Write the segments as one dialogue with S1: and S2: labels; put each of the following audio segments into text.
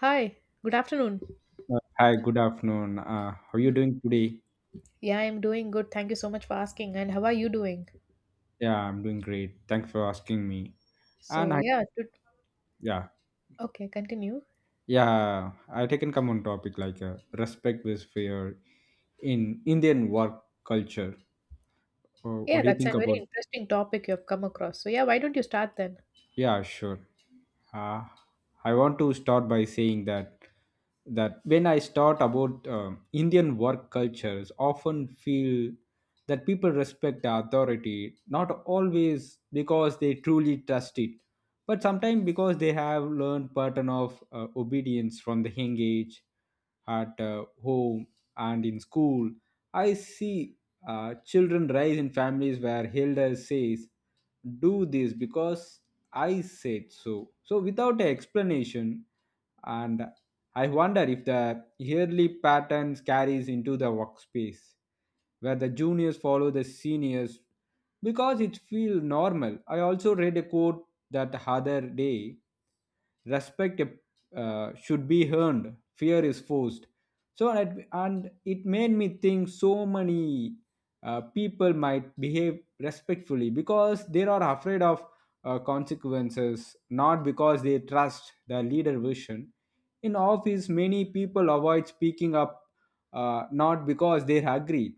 S1: Hi, good afternoon.
S2: Hi, good afternoon. How are you doing today?
S1: Yeah, I'm doing good. Thank you so much for asking. And how are you doing?
S2: Yeah, I'm doing great. Thanks for asking me. And
S1: So,
S2: I,
S1: yeah, to,
S2: yeah,
S1: okay, continue.
S2: yeah, I taken come on topic like respect with fear in Indian work culture.
S1: Yeah,
S2: What do you
S1: that's a
S2: think
S1: very
S2: about?
S1: interesting topic you have come across. So, yeah, why don't you start then?
S2: Yeah, sure. Uh, I want to start by saying that when I start about Indian work cultures, often feel that people respect the authority, not always because they truly trust it, but sometimes because they have learned pattern of obedience from the young age, at home and in school. I see children rise in families where elders says do this because I said so without an explanation, and I wonder if the yearly patterns carries into the workspace where the juniors follow the seniors because it feels normal. I also read a quote that other day: respect should be earned, fear is forced. So and, and it made me think so many people might behave respectfully because they are afraid of consequences, not because they trust the leader vision. In office many people avoid speaking up, not because they agree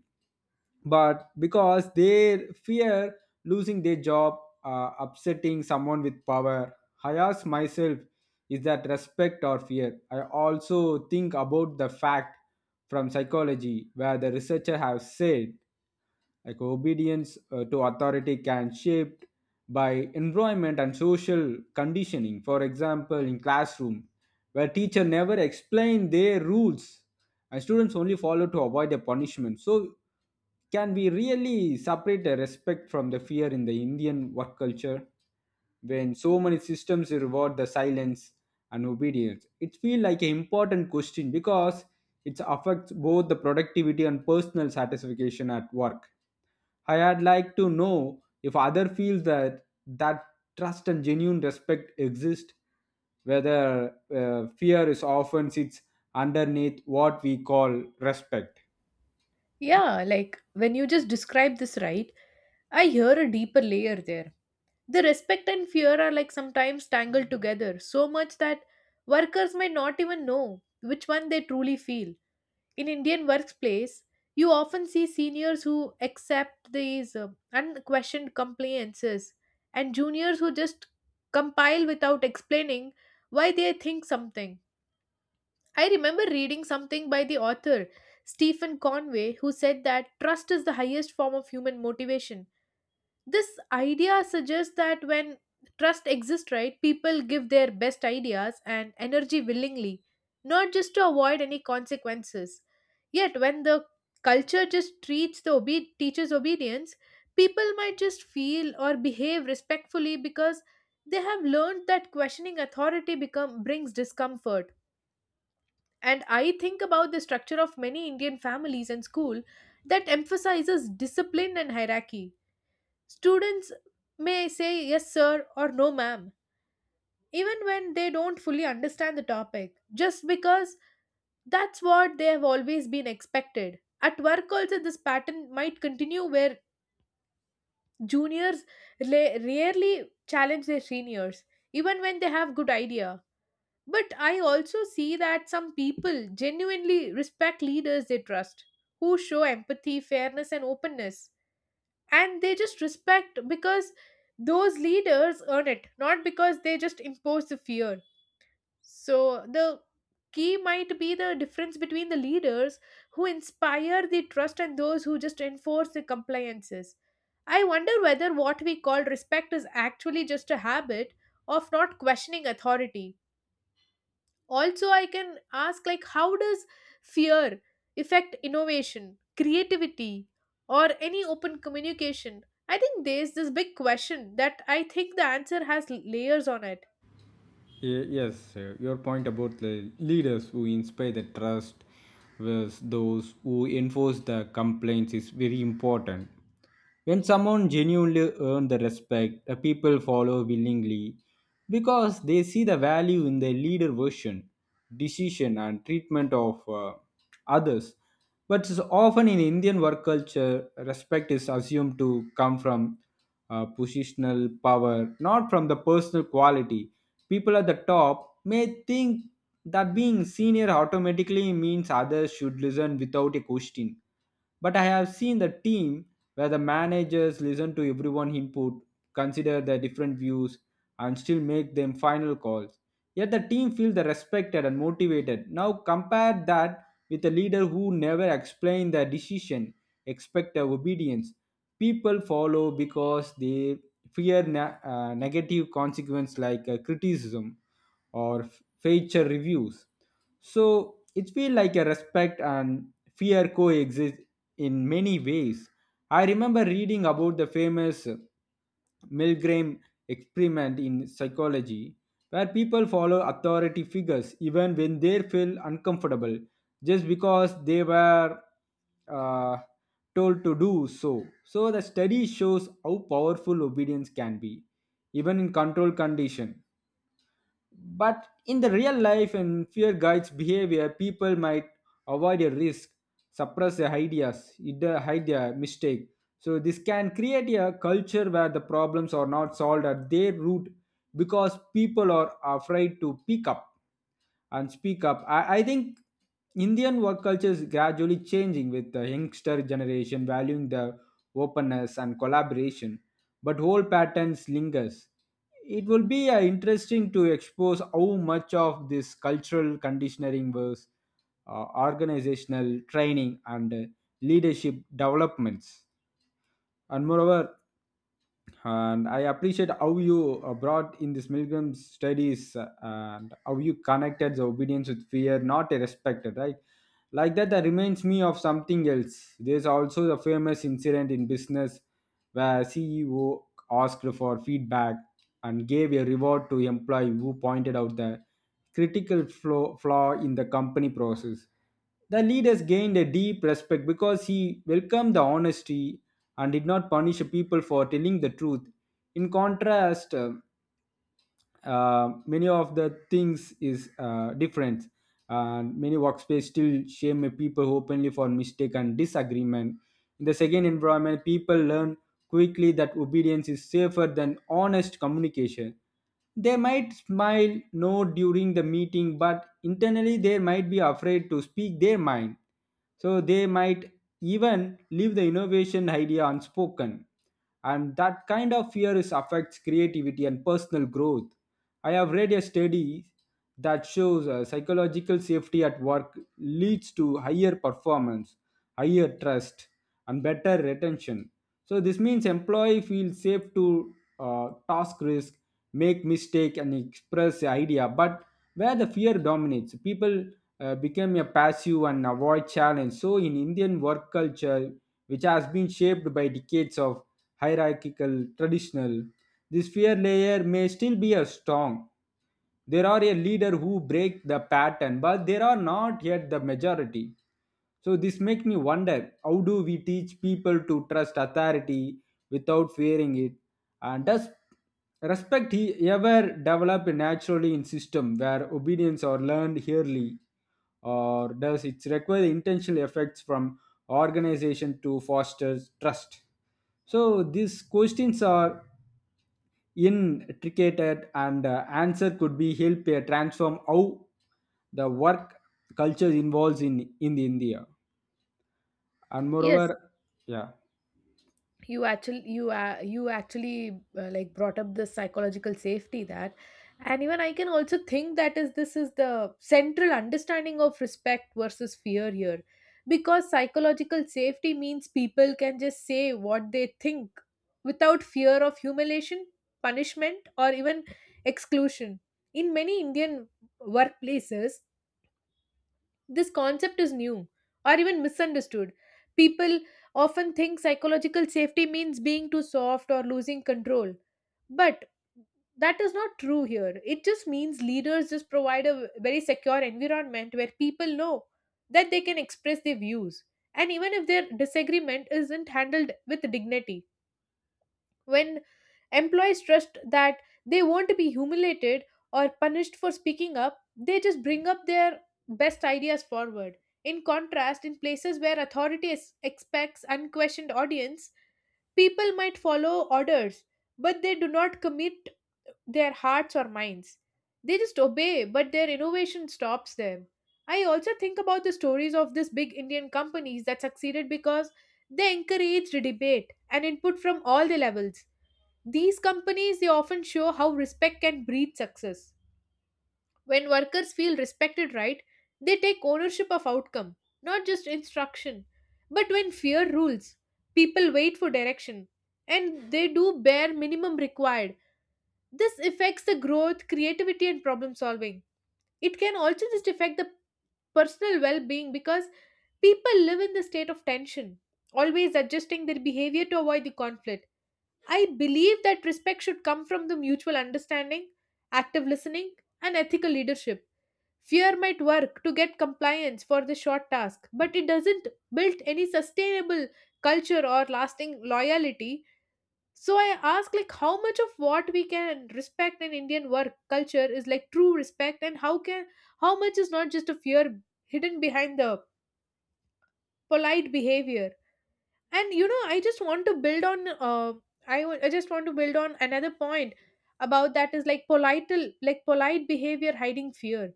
S2: but because they fear losing their job, upsetting someone with power. I ask myself, is that respect or fear? I also think about the fact from psychology where the researcher have said like obedience to authority can shaped by environment and social conditioning. For example, in classroom where teacher never explain their rules and students only follow to avoid the punishment, so can we really separate the respect from the fear in the Indian work culture when so many systems reward the silence and obedience? It feels like an important question because it affects both the productivity and personal satisfaction at work. I had like to know if other feels that trust and genuine respect exist, whether fear is often sits underneath what we call respect.
S1: Yeah, like when you just describe this, right, I hear a deeper layer there. The respect and fear are like sometimes tangled together so much that workers might not even know which one they truly feel. In Indian workplace, you often see seniors who accept these unquestioned compliances and juniors who just compile without explaining why they think something. I remember reading something by the author Stephen Conway, who said that trust is the highest form of human motivation. This idea suggests that when trust exists, right, people give their best ideas and energy willingly, not just to avoid any consequences. Yet when the culture just treats the teacher's obedience, people might just feel or behave respectfully because they have learned that questioning authority become brings discomfort. And I think about the structure of many Indian families and school that emphasizes discipline and hierarchy. Students may say yes, sir, or no, ma'am, even when they don't fully understand the topic, just because that's what they have always been expected. At work, also, this pattern might continue where juniors rarely challenge their seniors, even when they have good idea. But I also see that some people genuinely respect leaders they trust, who show empathy, fairness, and openness. And they just respect because those leaders earn it, not because they just impose the fear. So the key might be the difference between the leaders who inspire the trust and those who just enforce the compliances. I wonder whether what we call respect is actually just a habit of not questioning authority. Also, I can ask like how does fear affect innovation, creativity, or any open communication. I think there's this big question that I think the answer has layers on it.
S2: Yes, your point about the leaders who inspire the trust with those who enforce the complaints is very important. When someone genuinely earns the respect, the people follow willingly because they see the value in their leader version, decision, and treatment of others. But often in Indian work culture, respect is assumed to come from positional power, not from the personal quality. People at the top may think that being senior automatically means others should listen without a question. But I have seen the team where the managers listen to everyone input, consider their different views, and still make them final calls. Yet the team feels the respected and motivated. Now compare that with a leader who never explained their decision, expect their obedience, people follow because they fear negative consequence like criticism or feature reviews. So it feels like a respect and fear coexist in many ways. I remember reading about the famous milgram experiment in psychology where people follow authority figures even when they feel uncomfortable just because they were uh, told to do so. So the study shows how powerful obedience can be, even in controlled condition. But in the real life and fear guides behavior, people might avoid a risk, suppress their ideas, either hide their mistake. So this can create a culture where the problems are not solved at their root because people are afraid to pick up and speak up. I think Indian work culture is gradually changing with the youngster generation valuing the openness and collaboration, but whole patterns lingers. It will be interesting to expose how much of this cultural conditioning was organizational training and leadership developments. And moreover, and I appreciate how you brought in this milgram studies and how you connected the obedience with fear not a respect, right? Like that, that reminds me of something else. There's also the famous incident in business where CEO asked for feedback and gave a reward to employee who pointed out the critical flaw in the company process. The leaders gained a deep respect because he welcomed the honesty and did not punish people for telling the truth. In contrast, many of the things is different and many workspace still shame people openly for mistake and disagreement. In the second environment people learn quickly that obedience is safer than honest communication. They might smile no during the meeting but internally they might be afraid to speak their mind, so they might even leave the innovation idea unspoken, and that kind of fear is affects creativity and personal growth. I have read a study that shows psychological safety at work leads to higher performance, higher trust, and better retention. So this means employee feels safe to task risk, make mistake, and express idea. But where the fear dominates, people become a passive and avoid challenge. So in Indian work culture, which has been shaped by decades of hierarchical, traditional. This fear layer may still be a strong. There are a leader who break the pattern, but there are not yet the majority. So this makes me wonder, how do we teach people to trust authority without fearing it? And does respect he ever develop naturally in system where obedience are learned early, or does it require intentional effects from organization to foster trust? So these questions are intricate and answer could be help transform how the work culture involves in India and
S1: Yes,
S2: moreover yeah.
S1: you actually, you actually, like brought up the psychological safety. That and even I can also think that is, this is the central understanding of respect versus fear here, because psychological safety means people can just say what they think without fear of humiliation, punishment, or even exclusion. In many Indian workplaces, this concept is new or even misunderstood. People often think psychological safety means being too soft or losing control. But that is not true here. It just means leaders just provide a very secure environment where people know that they can express their views. And even if their disagreement isn't handled with dignity, when employees trust that they won't be humiliated or punished for speaking up, they just bring up their best ideas forward. In contrast, in places where authority is, expects unquestioned audience, people might follow orders, but they do not commit their hearts or minds. They just obey, but their innovation stops them. I also think about the stories of these big Indian companies that succeeded because they encouraged debate and input from all the levels. These companies, they often show how respect can breed success. When workers feel respected, right, they take ownership of outcome, not just instruction. But when fear rules, people wait for direction and they do bare minimum required. This affects the growth, creativity and problem solving. It can also just affect the personal well-being because people live in the state of tension, always adjusting their behavior to avoid the conflict. I believe that respect should come from the mutual understanding, active listening, and ethical leadership. Fear might work to get compliance for the short task, but it doesn't build any sustainable culture or lasting loyalty. So I ask like how much of what we can respect in Indian work culture is like true respect, and how much is not just a fear hidden behind the polite behavior. And you know, I just want to build on I, w- I just want to build on another point about that is like polite behavior hiding fear.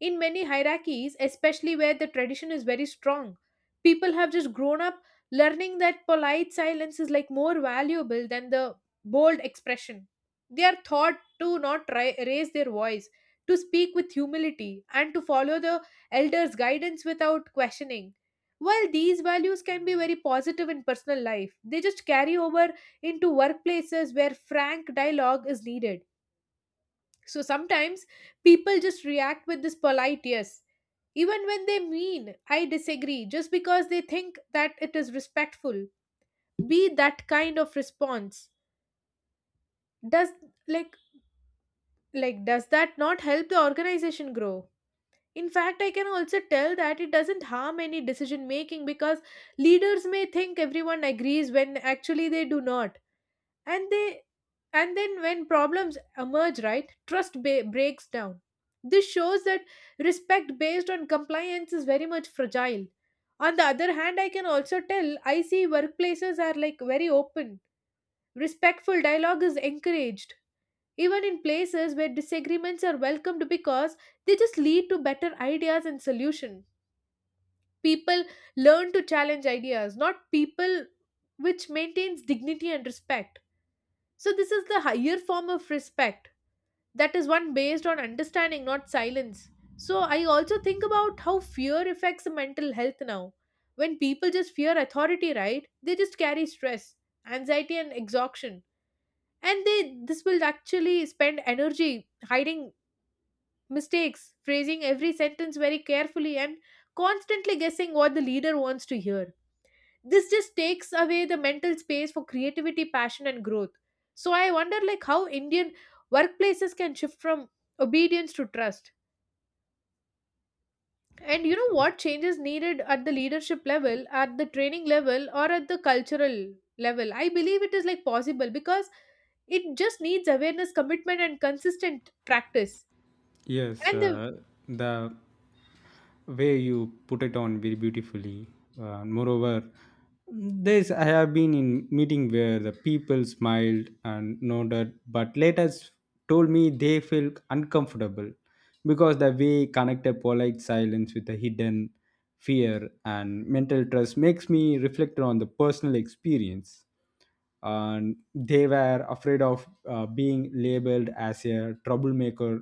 S1: In many hierarchies, especially where the tradition is very strong, people have just grown up learning that polite silence is like more valuable than the bold expression. They are taught to not raise their voice, to speak with humility, and to follow the elders' guidance without questioning. While these values can be very positive in personal life, they just carry over into workplaces where frank dialogue is needed. So sometimes people just react with this polite yes, even when they mean I disagree, just because they think that it is respectful. Be that kind of response. Does like does that not help the organization grow? In fact, I can also tell that it doesn't harm any decision making because leaders may think everyone agrees when actually they do not. And they And then when problems emerge, right, trust breaks down. This shows that respect based on compliance is very much fragile. On the other hand, I can also tell I see workplaces are like very open. Respectful dialogue is encouraged, even in places where disagreements are welcomed because they just lead to better ideas and solution. People learn to challenge ideas, not people, which maintains dignity and respect. So this is the higher form of respect, that is one based on understanding, not silence. So I also think about how fear affects mental health now. When people just fear authority, right, they just carry stress, anxiety and exhaustion. And they This will actually spend energy hiding mistakes, phrasing every sentence very carefully, and constantly guessing what the leader wants to hear. This just takes away the mental space for creativity, passion and growth. So I wonder like how Indian workplaces can shift from obedience to trust. And you know what changes needed at the leadership level, at the training level, or at the cultural level. I believe it is like possible because it just needs awareness, commitment and consistent practice.
S2: Yes,
S1: And the
S2: the way you put it on very beautifully. Moreover, this I have been in meeting where the people smiled and nodded, but later told me they feel uncomfortable because the way connected polite silence with a hidden fear and mental trust makes me reflect on the personal experience. And they were afraid of being labeled as a troublemaker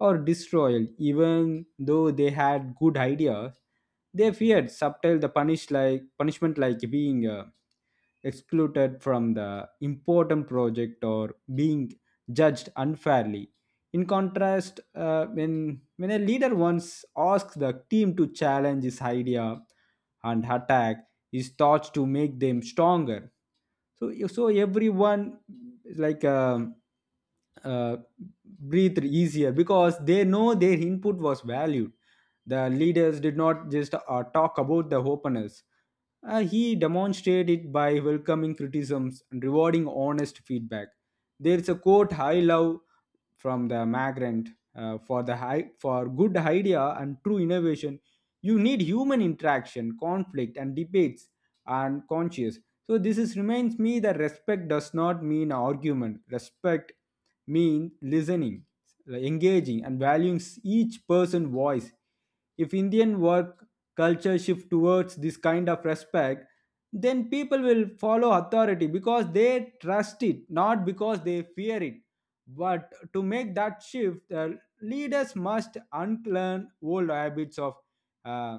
S2: or disloyal even though they had good ideas. They feared subtle the punish like punishment like being excluded from the important project or being judged unfairly. In contrast, when a leader once asks the team to challenge his idea and attack his thoughts to make them stronger, so so everyone like uh, breathed easier because they know their input was valued. The leaders did not just talk about the openness, he demonstrated it by welcoming criticisms and rewarding honest feedback. There is a quote I love from the migrant: for the high for good idea and true innovation you need human interaction, conflict and debates and conscious. So this is reminds me that respect does not mean argument, respect means listening, engaging and valuing each person's voice. If Indian work culture shift towards this kind of respect, then people will follow authority because they trust it, not because they fear it. But to make that shift, leaders must unlearn old habits of uh,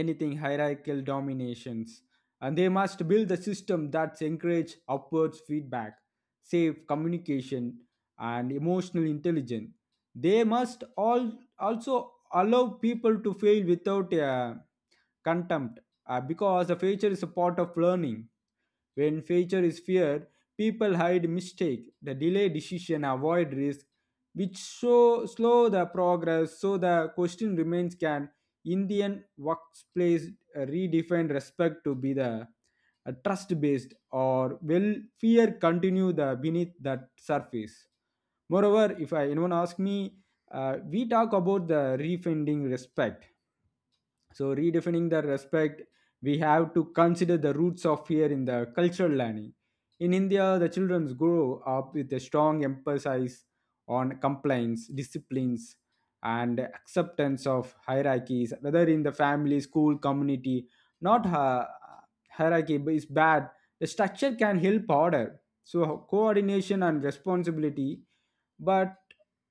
S2: anything hierarchical dominations, and they must build a system that encourage upwards feedback, safe communication, and emotional intelligence. They must all also allow people to fail without contempt, because the future is a part of learning. When future is feared, people hide mistake, the delay decision, avoid risk, which show slow the progress. So the question remains: can Indian workplace redefine respect to be the trust-based, or will fear continue the beneath that surface? Moreover, if I, anyone asks me, we talk about the refunding respect. So, redefining the respect, we have to consider the roots of fear in the cultural learning. In India, the children grow up with a strong emphasis on compliance, disciplines, and acceptance of hierarchies, whether in the family, school, community. Not hierarchy is bad. The structure can help order. So, coordination and responsibility. But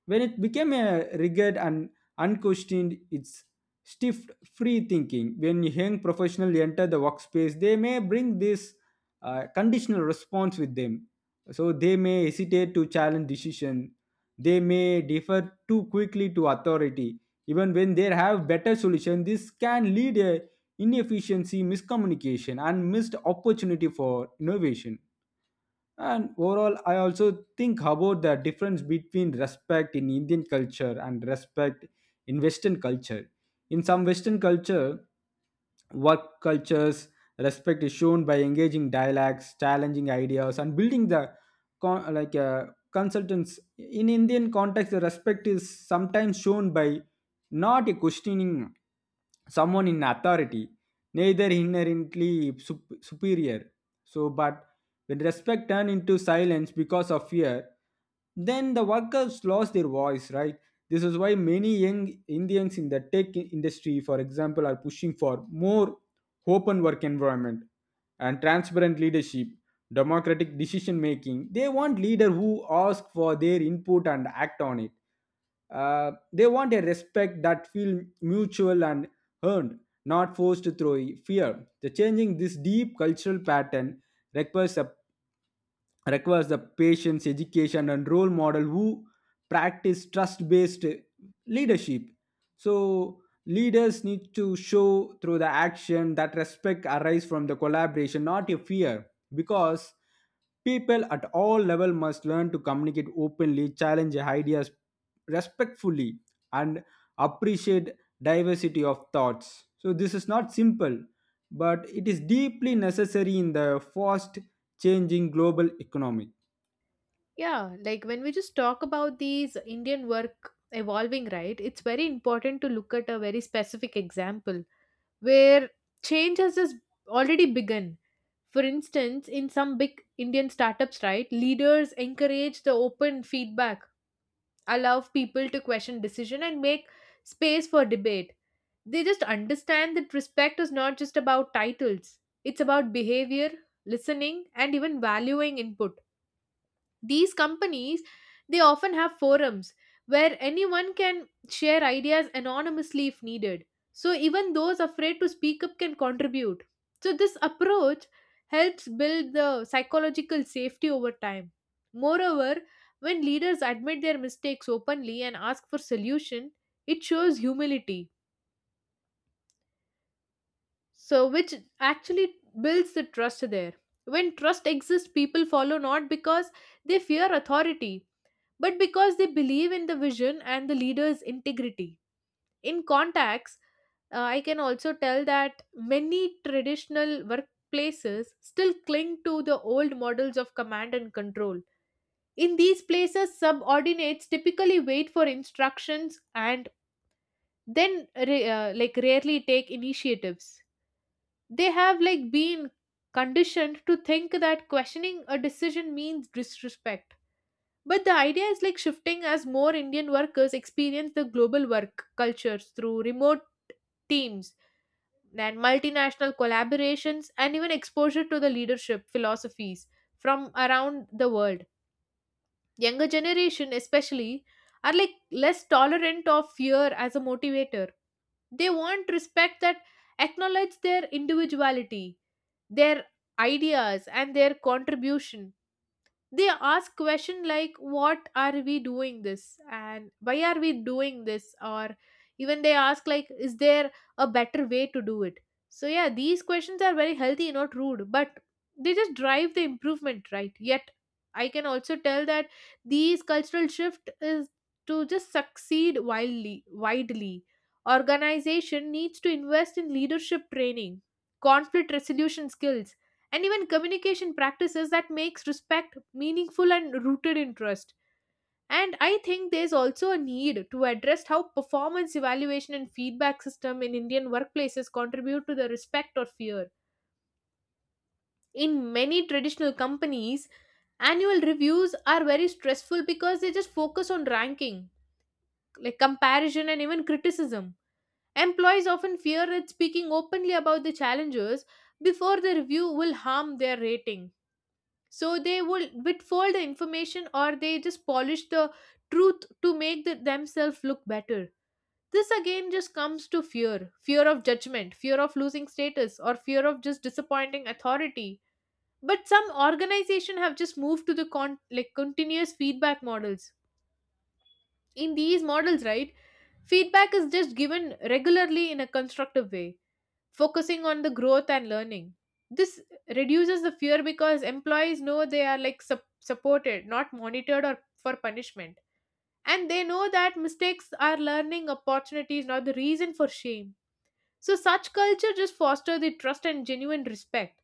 S2: when it became a rigid and unquestioned, it's stiff free thinking. When young professionals enter the workspace they may bring this conditional response with them, so they may hesitate to challenge decision, they may defer too quickly to authority even when they have better solution. This can lead a inefficiency, miscommunication and missed opportunity for innovation. And overall, I also think about the difference between respect in Indian culture and respect in Western culture. In some Western culture, work cultures respect is shown by engaging dialects, challenging ideas, and building the con- like uh, consultants. In Indian context, the respect is sometimes shown by not questioning someone in authority, neither inherently superior. So, but when respect turn into silence because of fear, then the workers lost their voice, right? This is why many young Indians in the tech industry, for example, are pushing for more open work environment and transparent leadership, democratic decision making. They want leader who ask for their input and act on it. They want a respect that feel mutual and earned, not forced through fear. The changing this deep cultural pattern requires a requires the patience, education, and role model who practice trust based leadership. So, leaders need to show through the action that respect arises from the collaboration, not a fear, because people at all level must learn to communicate openly, challenge ideas respectfully, and appreciate diversity of thoughts. So, this is not simple, but it is deeply necessary in the fast changing global economy.
S1: Yeah, like when we just talk about these Indian work evolving, right, it's very important to look at a very specific example where change has just already begun. For instance, in some big Indian startups, right, leaders encourage the open feedback, allow people to question decision and make space for debate. They just understand that respect is not just about titles. It's about behavior, listening, and even valuing input. These companies, they often have forums where anyone can share ideas anonymously if needed. So even those afraid to speak up can contribute. So this approach helps build the psychological safety over time. Moreover, when leaders admit their mistakes openly and ask for solution, it shows humility. So which actually builds the trust there. When trust exists, people follow not because they fear authority, but because they believe in the vision and the leader's integrity. In contacts, I can also tell that many traditional workplaces still cling to the old models of command and control. In these places, subordinates typically wait for instructions and then ra- like rarely take initiatives. They have like been conditioned to think that questioning a decision means disrespect. But the idea is like shifting as more Indian workers experience the global work cultures through remote teams and multinational collaborations and even exposure to the leadership philosophies from around the world. Younger generation especially are like less tolerant of fear as a motivator. They want respect that acknowledge their individuality, their ideas and their contribution. They ask question like what are we doing this and why are we doing this, or even they ask like is there a better way to do it. So yeah, these questions are very healthy, not rude, but they just drive the improvement, right? Yet I can also tell that these cultural shift is to just succeed wildly widely, organization needs to invest in leadership training, conflict resolution skills, and even communication practices that makes respect meaningful and rooted in trust. And I think there's also a need to address how performance evaluation and feedback system in Indian workplaces contribute to the respect or fear. In many traditional companies, annual reviews are very stressful because they just focus on ranking, like comparison and even criticism. Employees often fear that speaking openly about the challenges before the review will harm their rating, so they will withhold the information or they just polish the truth to make the, themselves look better. This again just comes to fear, fear of judgment, fear of losing status, or fear of just disappointing authority. But some organization have just moved to the like continuous feedback models. In these models, right, feedback is just given regularly in a constructive way, focusing on the growth and learning. This reduces the fear because employees know they are like supported, not monitored or for punishment. And they know that mistakes are learning opportunities, not the reason for shame. So such culture just foster the trust and genuine respect.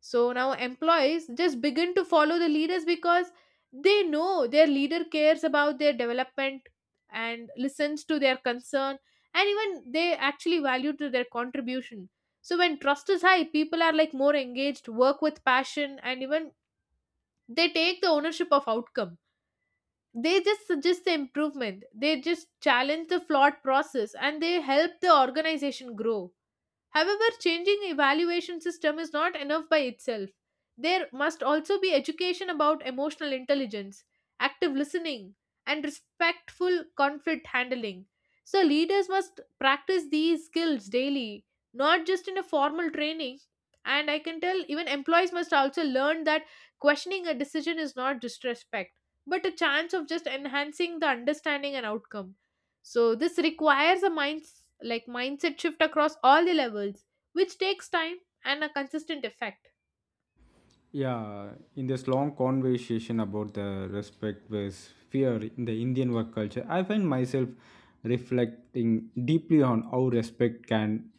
S1: So now employees just begin to follow the leaders because they know their leader cares about their development and listens to their concern, and even they actually value to their contribution. So when trust is high, people are like more engaged, work with passion, and even they take the ownership of outcome. They just suggest the improvement. They just challenge the flawed process and they help the organization grow. However, changing evaluation system is not enough by itself. There must also be education about emotional intelligence, active listening, and respectful conflict handling. So leaders must practice these skills daily, not just in a formal training. And I can tell even employees must also learn that questioning a decision is not disrespect, but a chance of just enhancing the understanding and outcome. So this requires a mindset shift across all the levels, which takes time and a consistent effect.
S2: Yeah, in this long conversation about the respect versus fear in the Indian work culture, I find myself reflecting deeply on how respect can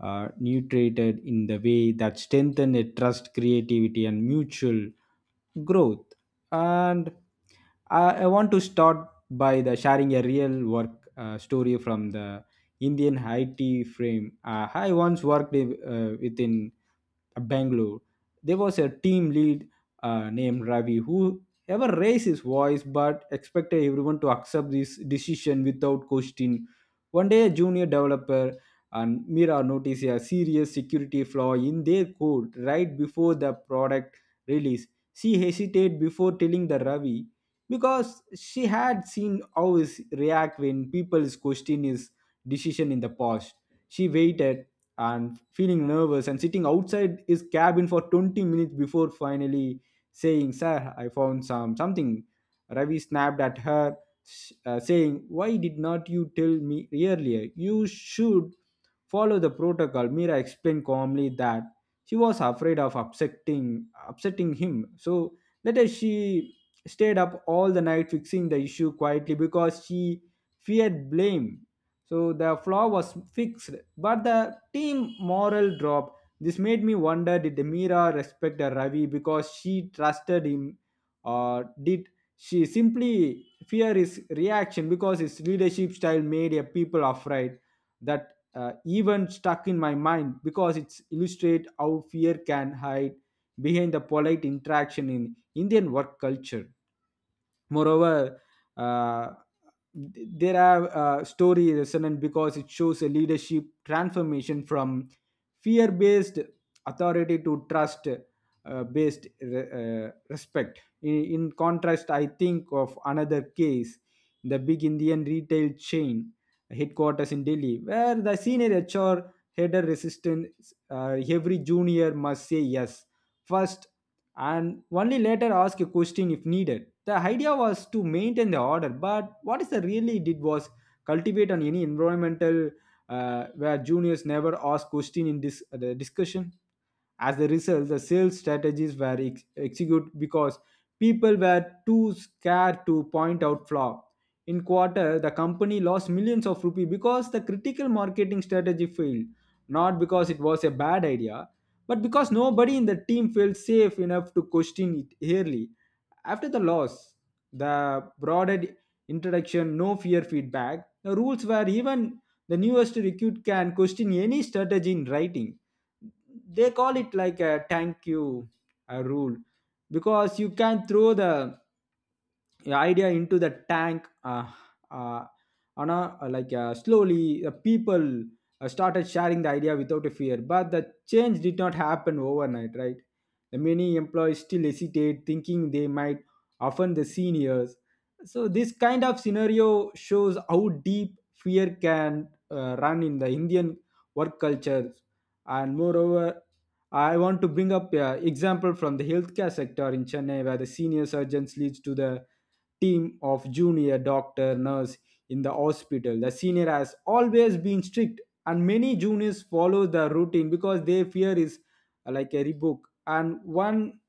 S2: nutrate it in the way that strengthen a trust, creativity, and mutual growth. And I want to start by the sharing a real work story from the Indian IT frame. I once worked within Bangalore. There was a team lead named Ravi who ever raised his voice but expected everyone to accept this decision without question. One day, a junior developer and Mira noticed a serious security flaw in their code right before the product release. She hesitated before telling the Ravi, because she had seen how he react when people's question his decision in the past. She waited and feeling nervous and sitting outside his cabin for 20 minutes before finally saying, "Sir, I found some something." Ravi snapped at her, saying, "Why did not you tell me earlier? You should follow the protocol." Mira explained calmly that she was afraid of upsetting him. So later she stayed up all the night fixing the issue quietly because she feared blame. So the flaw was fixed, but the team moral dropped. This made me wonder, did Mira respect Ravi because she trusted him, or did she simply fear his reaction because his leadership style made a people afraid that even stuck in my mind because it's illustrate how fear can hide behind the polite interaction in Indian work culture. Moreover, uh, there are story resonant because it shows a leadership transformation from fear-based authority to trust-based respect. In contrast, I think of another case, the big Indian retail chain headquarters in Delhi, where the senior HR header resistance every junior must say yes first and only later ask a question if needed. The idea was to maintain the order, but what is the really did was cultivate on any environmental where juniors never ask question in this the discussion. As a result, the sales strategies were executed because people were too scared to point out flaw. In quarter, the company lost millions of rupees because the critical marketing strategy failed, not because it was a bad idea, but because nobody in the team felt safe enough to question it early. After the loss, the broader introduction, no fear feedback, the rules were even the newest recruit can question any strategy in writing. They call it like a thank you a rule because you can throw the idea into the tank, uh, on a, like slowly people started sharing the idea without a fear, but the change did not happen overnight, right? The many employees still hesitate thinking they might offend the seniors. So this kind of scenario shows how deep fear can run in the Indian work culture. And moreover, I want to bring up an example from the healthcare sector in Chennai, where the senior surgeons leads to the team of junior doctor nurse. In the hospital, the senior has always been strict and many juniors follow the routine because they fear is like a rebook. And one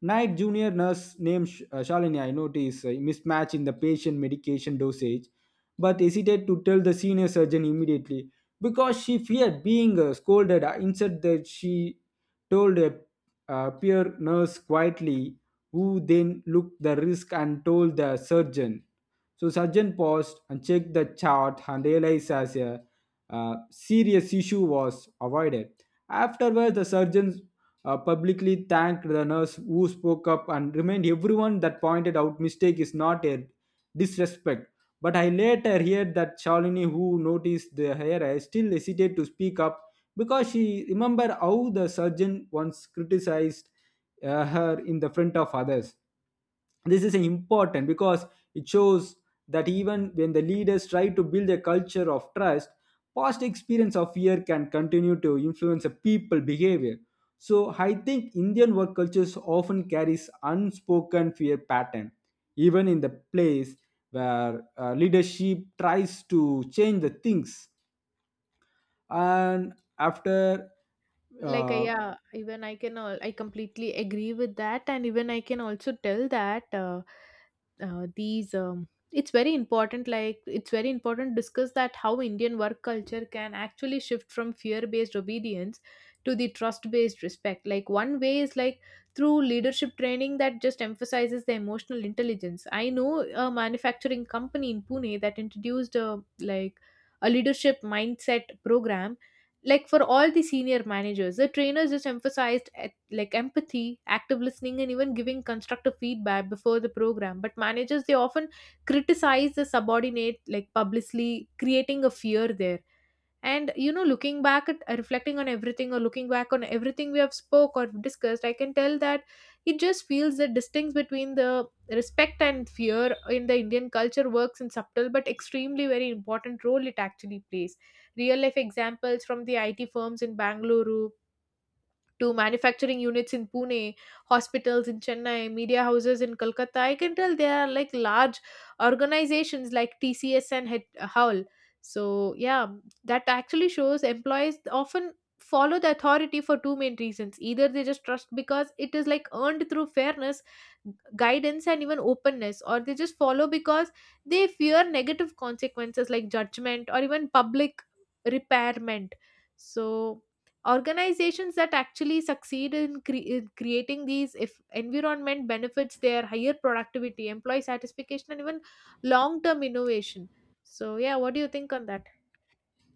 S2: night junior nurse named Shalini I noticed a mismatch in the patient medication dosage but hesitated to tell the senior surgeon immediately because she feared being scolded. Instead, that she told a peer nurse quietly, who then looked the risk and told the surgeon. So surgeon paused and checked the chart and realized as a serious issue was avoided. Afterwards, the surgeons publicly thanked the nurse who spoke up and remind everyone that pointed out mistake is not a disrespect. But I later heard that Shalini, who noticed the hair, still hesitated to speak up because she remembered how the surgeon once criticized her in the front of others. This is important because it shows that even when the leaders try to build a culture of trust, past experience of fear can continue to influence a people behavior. So I think Indian work cultures often carries unspoken fear pattern, even in the place where leadership tries to change the things. And after uh,
S1: Yeah, even I completely agree with that. And even I can also tell that these it's very important like it's very important discuss that how Indian work culture can actually shift from fear based obedience to the trust based respect. Like one way is like through leadership training that just emphasizes the emotional intelligence. I know a manufacturing company in Pune that introduced a leadership mindset program like for all the senior managers. The trainers just emphasized at, like empathy, active listening, and even giving constructive feedback. Before the program, but managers, they often criticize the subordinate like publicly, creating a fear there. And you know, looking back at reflecting on everything, or looking back on everything we have spoke or discussed, I can tell that it just feels the distinction between the respect and fear in the Indian culture works in subtle but extremely very important role it actually plays. Real life examples from the IT firms in Bangalore, to manufacturing units in Pune, hospitals in Chennai, media houses in Kolkata. I can tell they are like large organizations like TCS and Howl. So, yeah, that actually shows employees often follow the authority for two main reasons: either they just trust because it is like earned through fairness, guidance and even openness, or they just follow because they fear negative consequences like judgment or even public repairment. So organizations that actually succeed in, in creating these if environment benefits their higher productivity, employee satisfaction, and even long term innovation. So yeah, what do you think on that?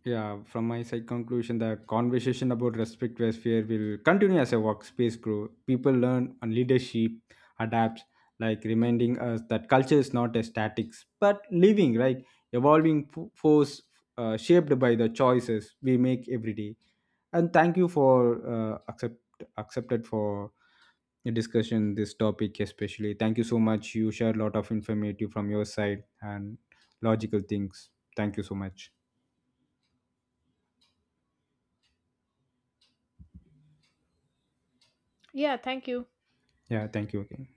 S2: Yeah, from my side conclusion, the conversation about respect versus fear will continue as a workspace grow. People learn and leadership adapts, like reminding us that culture is not a statics, but living, right? Evolving force shaped by the choices we make every day. And thank you for accepted for a discussion this topic especially. Thank you so much. You shared a lot of informative from your side and logical things. Thank you so much.
S1: Yeah, thank you.
S2: Yeah, thank you again.